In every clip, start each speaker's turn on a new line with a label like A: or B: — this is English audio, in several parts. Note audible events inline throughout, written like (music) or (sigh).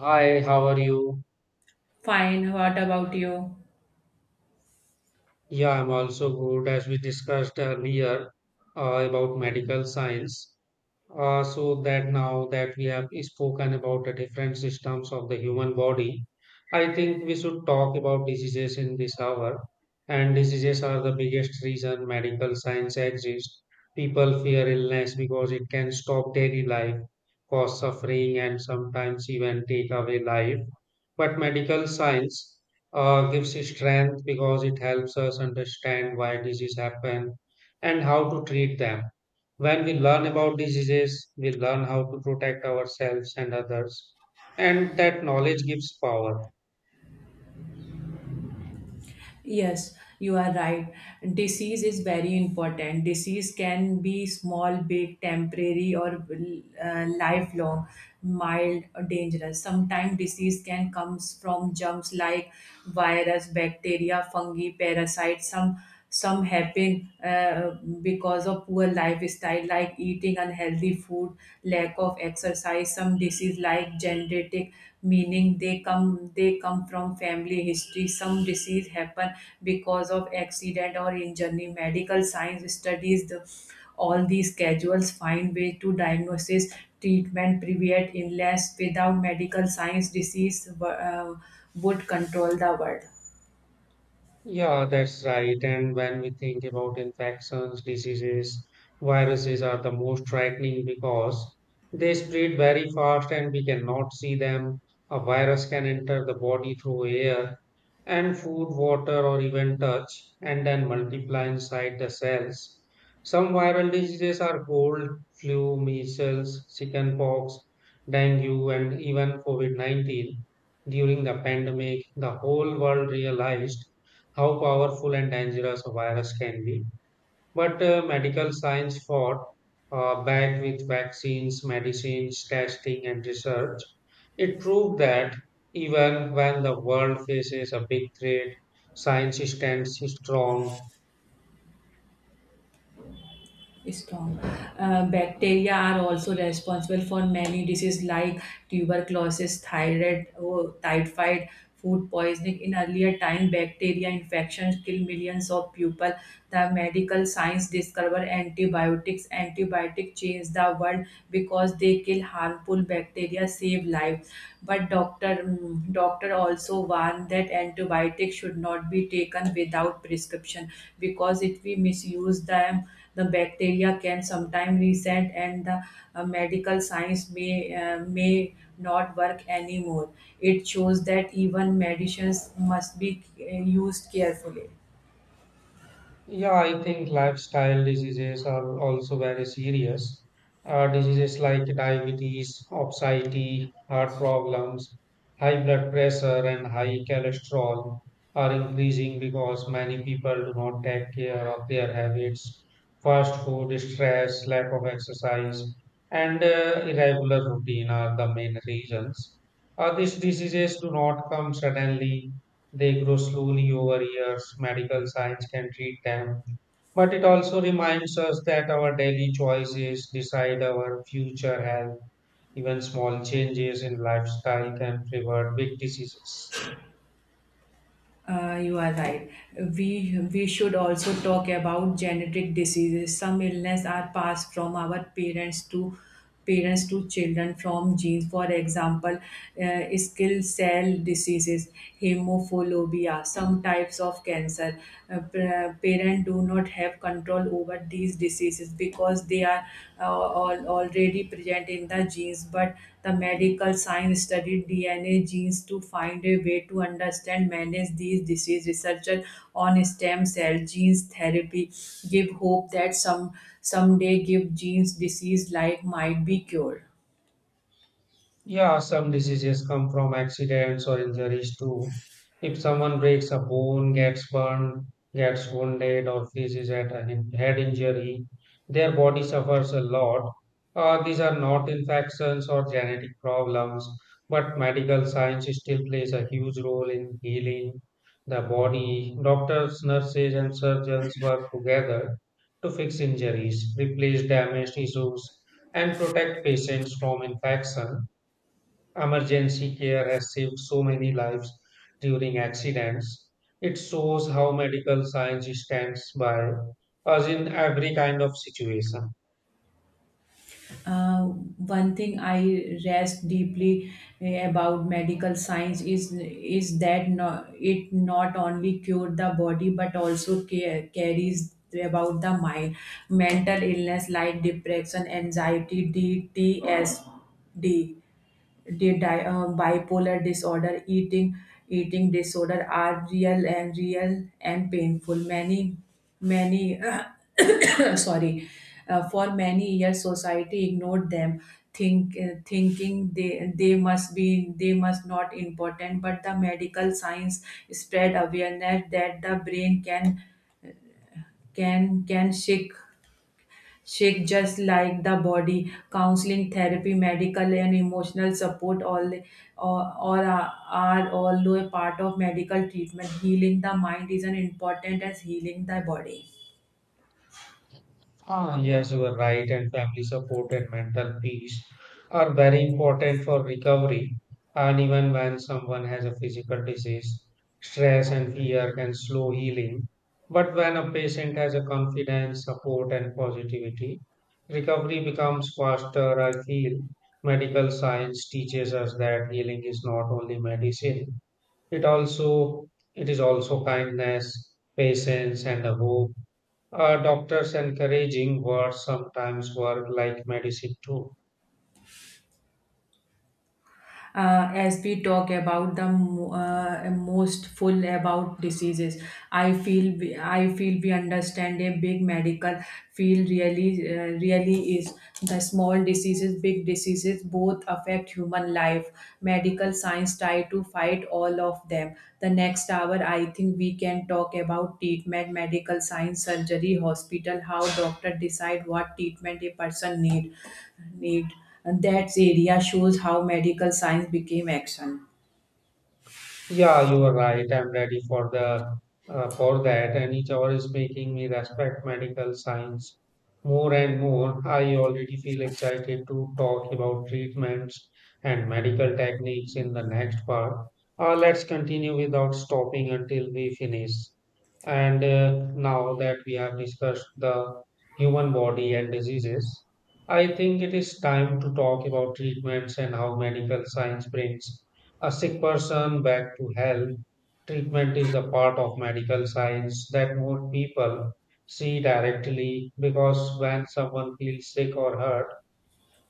A: Hi, how are you?
B: Fine, what about you?
A: Yeah, I'm also good. As we discussed earlier about medical science, so that now that we have spoken about the different systems of the human body, I think we should talk about diseases in this hour. And diseases are the biggest reason medical science exists. People fear illness because it can stop daily life, cause suffering, and sometimes even take away life. But medical science gives strength because it helps us understand why disease happen and how to treat them. When we learn about diseases, we learn how to protect ourselves and others, and that knowledge gives power.
B: Yes, you are right. Disease is very important. Disease can be small, big, temporary, or lifelong, mild, or dangerous. Sometimes disease can comes from germs like virus, bacteria, fungi, parasites. Some happen because of poor lifestyle like eating unhealthy food, lack of exercise, some disease like genetic, meaning they come from family history. Some disease happen because of accident or injury. Medical science studies the, all these casuals, find way to diagnosis, treatment, prevent illness. Without medical science, disease would control the world.
A: Yeah, that's right. And when we think about infections, diseases, viruses are the most frightening because they spread very fast and we cannot see them. A virus can enter the body through air and food, water, or even touch, and then multiply inside the cells. Some viral diseases are cold, flu, measles, chickenpox, dengue, and even COVID 19. During the pandemic, the whole world realized how powerful and dangerous a virus can be. But medical science fought back with vaccines, medicines, testing, and research. It proved that even when the world faces a big threat, science stands strong.
B: Strong. Bacteria are also responsible for many diseases like tuberculosis, thyroid, oh, typhoid, food poisoning. In earlier time, bacteria infections kill millions of people. The medical science discovered antibiotics. Antibiotics changed the world because they kill harmful bacteria, save life, but doctor also warned that antibiotics should not be taken without prescription, because if we misuse them the bacteria can sometime resent, and the medical science may not work anymore. It shows that even medicines must be used carefully.
A: Yeah, I think lifestyle diseases are also very serious. Diseases like diabetes, obesity, heart problems, high blood pressure, and high cholesterol are increasing because many people do not take care of their habits, fast food, stress, lack of exercise, and irregular routine are the main reasons. These diseases do not come suddenly, they grow slowly over years. Medical science can treat them. But it also reminds us that our daily choices decide our future health. Even small changes in lifestyle can prevent big diseases.
B: You are right. We should also talk about genetic diseases. Some illness are passed from our parents to children from genes. For example, skill cell diseases, hemophobia, some types of cancer. Parents do not have control over these diseases because they are already present in the genes, but the medical science studied DNA genes to find a way to understand manage these diseases. Researchers on stem cell genes therapy give hope that someday give genes disease like might be cured.
A: Yeah, some diseases come from accidents or injuries too. If someone breaks a bone, gets burned, gets wounded, or faces at a head injury, their body suffers a lot. These are not infections or genetic problems, but medical science still plays a huge role in healing the body. Doctors, nurses, and surgeons work together to fix injuries, replace damaged tissues, and protect patients from infection. Emergency care has saved so many lives during accidents. It shows how medical science stands by us in every kind of situation.
B: Uh, One thing I rest deeply about medical science is that no, it not only cure the body but also care, carries about the mind. Mental illness like depression, anxiety, DTSD, bipolar disorder, eating disorder are real and painful. Many (coughs) sorry, for many years society ignored them, thinking they must not important. But the medical science spread awareness that the brain can can shake just like the body. Counseling, therapy, medical and emotional support all or are all a part of medical treatment. Healing the mind is as important as healing the body.
A: Ah, yes, you are right, and family support and mental peace are very important for recovery. And even when someone has a physical disease, stress and fear can slow healing. But when a patient has a confidence, support, and positivity, recovery becomes faster. I feel medical science teaches us that healing is not only medicine; it also it is also kindness, patience, and the hope. Doctors encouraging what sometimes work like medicine too.
B: As we talk about the most full about diseases, I feel we understand a big medical field really, really is. The small diseases, big diseases, both affect human life. Medical science try to fight all of them. The next hour, I think we can talk about treatment, medical science, surgery, hospital, how doctor decide what treatment a person need, and that area shows how medical science became action.
A: Yeah, you are right. I'm ready for the for that. And each hour is making me respect medical science more and more. I already feel excited to talk about treatments and medical techniques in the next part. Let's continue without stopping until we finish. And now that we have discussed the human body and diseases, I think it is time to talk about treatments and how medical science brings a sick person back to health. Treatment is the part of medical science that more people see directly because when someone feels sick or hurt,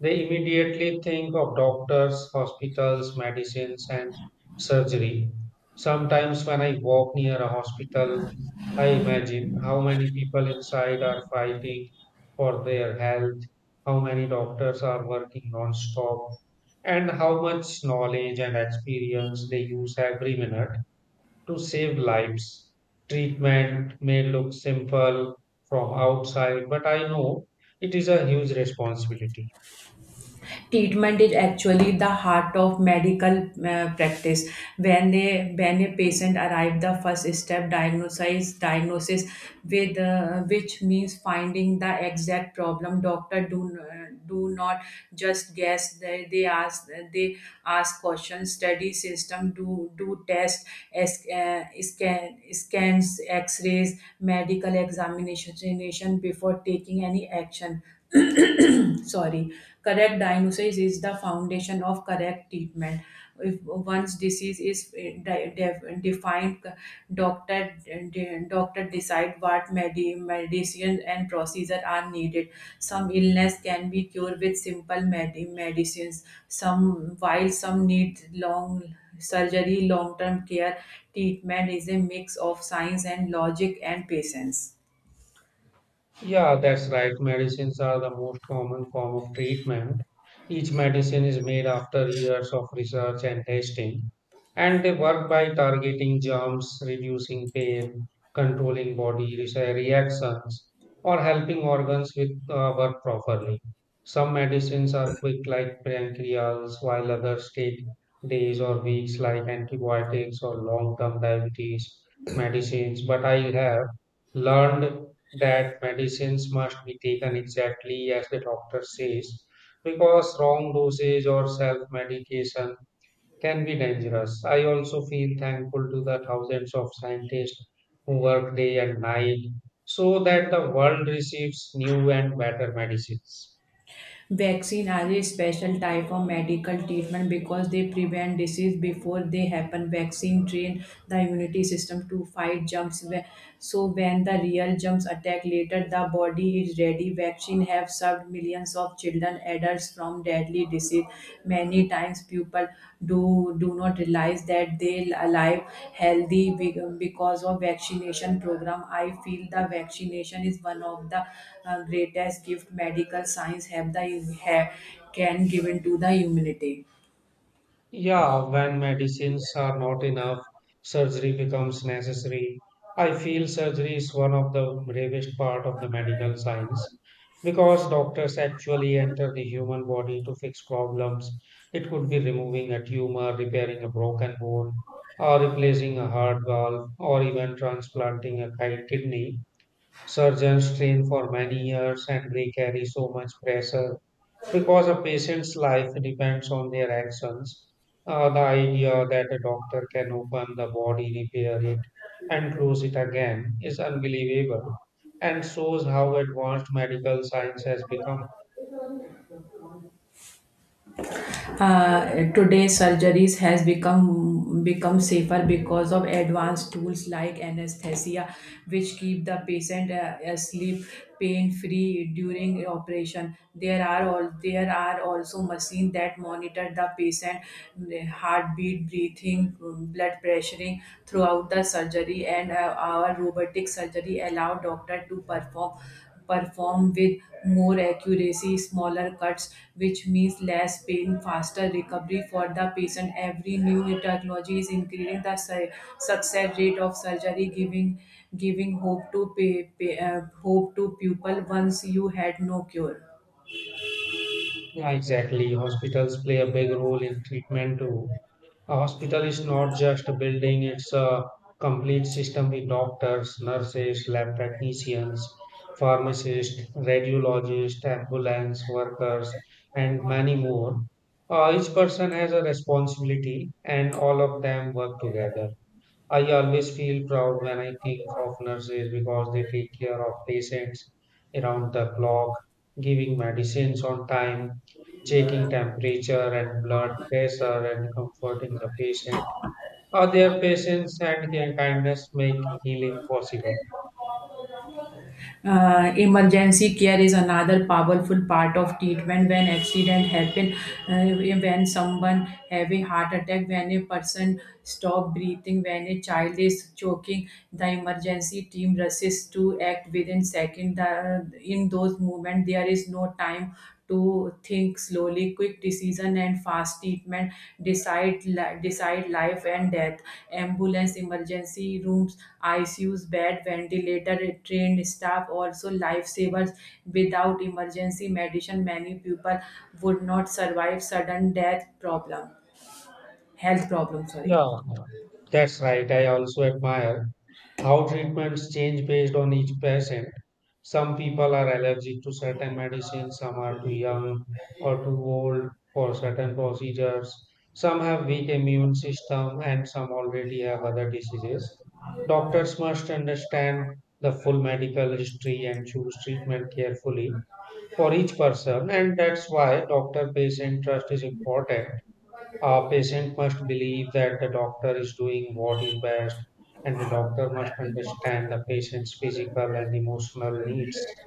A: they immediately think of doctors, hospitals, medicines, and surgery. Sometimes, when I walk near a hospital, I imagine how many people inside are fighting for their health, how many doctors are working non stop, and how much knowledge and experience they use every minute to save lives. Treatment may look simple from outside, but I know it is a huge responsibility.
B: Treatment is actually the heart of medical practice. When a patient arrive, the first step, diagnosis with, which means finding the exact problem. Doctor do not just guess. They ask questions, study system, do test, scans, x-rays, medical examination before taking any action. (clears throat) (clears throat) Sorry. Correct diagnosis is the foundation of correct treatment. If once disease is defined, doctor decide what medicine and procedure are needed. Some illness can be cured with simple medicines, some, while some need long surgery, long term care. Treatment is a mix of science and logic and patience.
A: Yeah, that's right. Medicines are the most common form of treatment. Each medicine is made after years of research and testing, and they work by targeting germs, reducing pain, controlling body reactions, or helping organs with work properly. Some medicines are quick, like pancreas, while others take days or weeks, like antibiotics or long-term diabetes medicines. But I have learned that medicines must be taken exactly as the doctor says because wrong dosage or self medication can be dangerous. I also feel thankful to the thousands of scientists who work day and night so that the world receives new and better medicines.
B: Vaccine are a special type of medical treatment because they prevent disease before they happen. Vaccine train the immunity system to fight germs. So when the real germs attack later, the body is ready. Vaccine have served millions of children, adults from deadly disease. Many times people do not realize that they alive healthy because of vaccination program. I feel the vaccination is one of the greatest gift medical science have, can given to the humanity.
A: Yeah, when medicines are not enough, surgery becomes necessary. I feel surgery is one of the bravest part of the medical science because doctors actually enter the human body to fix problems. It could be removing a tumor, repairing a broken bone, or replacing a heart valve, or even transplanting a kidney. Surgeons train for many years and they carry so much pressure because a patient's life depends on their actions. The idea that a doctor can open the body, repair it, and close it again is unbelievable and shows how advanced medical science has become.
B: Today's surgeries has become safer because of advanced tools like anesthesia, which keep the patient asleep, pain free during operation. There are also machines that monitor the patient, mm, heartbeat, breathing, mm, blood pressuring throughout the surgery, and our robotic surgery allow doctor to perform with more accuracy, smaller cuts, which means less pain, faster recovery for the patient. Every new technology is increasing the success rate of surgery, giving hope to hope to people once you had no cure.
A: Yeah, exactly. Hospitals play a big role in treatment too. A hospital is not just a building, it's a complete system with doctors, nurses, lab technicians, pharmacists, radiologists, ambulance workers, and many more. Each person has a responsibility, and all of them work together. I always feel proud when I think of nurses because they take care of patients around the clock, giving medicines on time, checking temperature and blood pressure, and comforting the patient. Their patience and their kindness make healing possible.
B: Emergency care is another powerful part of treatment. When accident happen, when someone have a heart attack, when a person stop breathing, when a child is choking, the emergency team rushes to act within second. In those moments there is no time to think slowly. Quick decision and fast treatment decide life and death. Ambulance, emergency rooms, icus bed, ventilator, trained staff also lifesavers. Without emergency medicine many people would not survive sudden death problem health problem. Sorry.
A: Yeah, that's right. I also admire how treatments change based on each patient. Some people are allergic to certain medicines, some are too young or too old for certain procedures, some have weak immune system, and some already have other diseases. Doctors must understand the full medical history and choose treatment carefully for each person, and that's why doctor-patient trust is important. A patient must believe that the doctor is doing what is best, and the doctor must understand the patient's physical and emotional needs.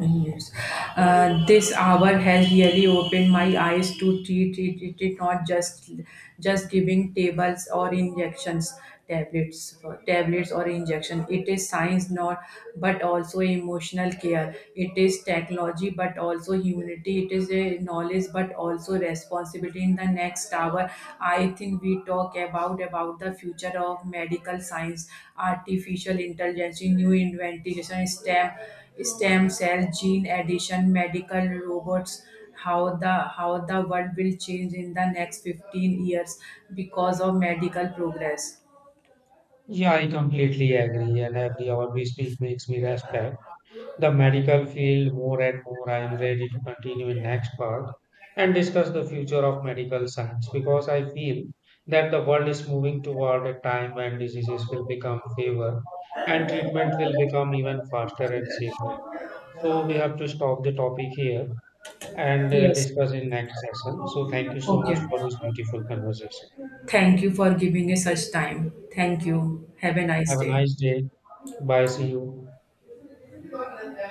B: Yes. This hour has really opened my eyes to treat it not just giving tables or injections tablets or injection. It is science not, but also emotional care. It is technology but also humanity. It is a knowledge but also responsibility. In the next hour I think we talk about the future of medical science, artificial intelligence, new invention, stem cell gene addition, medical robots, how the world will change in the next 15 years because of medical progress.
A: Yeah, I completely agree, and every hour we speak makes me respect the medical field more and more. I am ready to continue in next part and discuss the future of medical science because I feel that the world is moving toward a time when diseases will become fewer and treatment will become even faster and safer. So we have to stop the topic here and
B: Yes.
A: discuss in next session. So thank you so much
B: Okay.
A: for this beautiful conversation.
B: Thank you for giving us such time. Thank you.
A: Yeah.
B: Have a nice
A: Have a
B: day.
A: nice day. Bye. See you.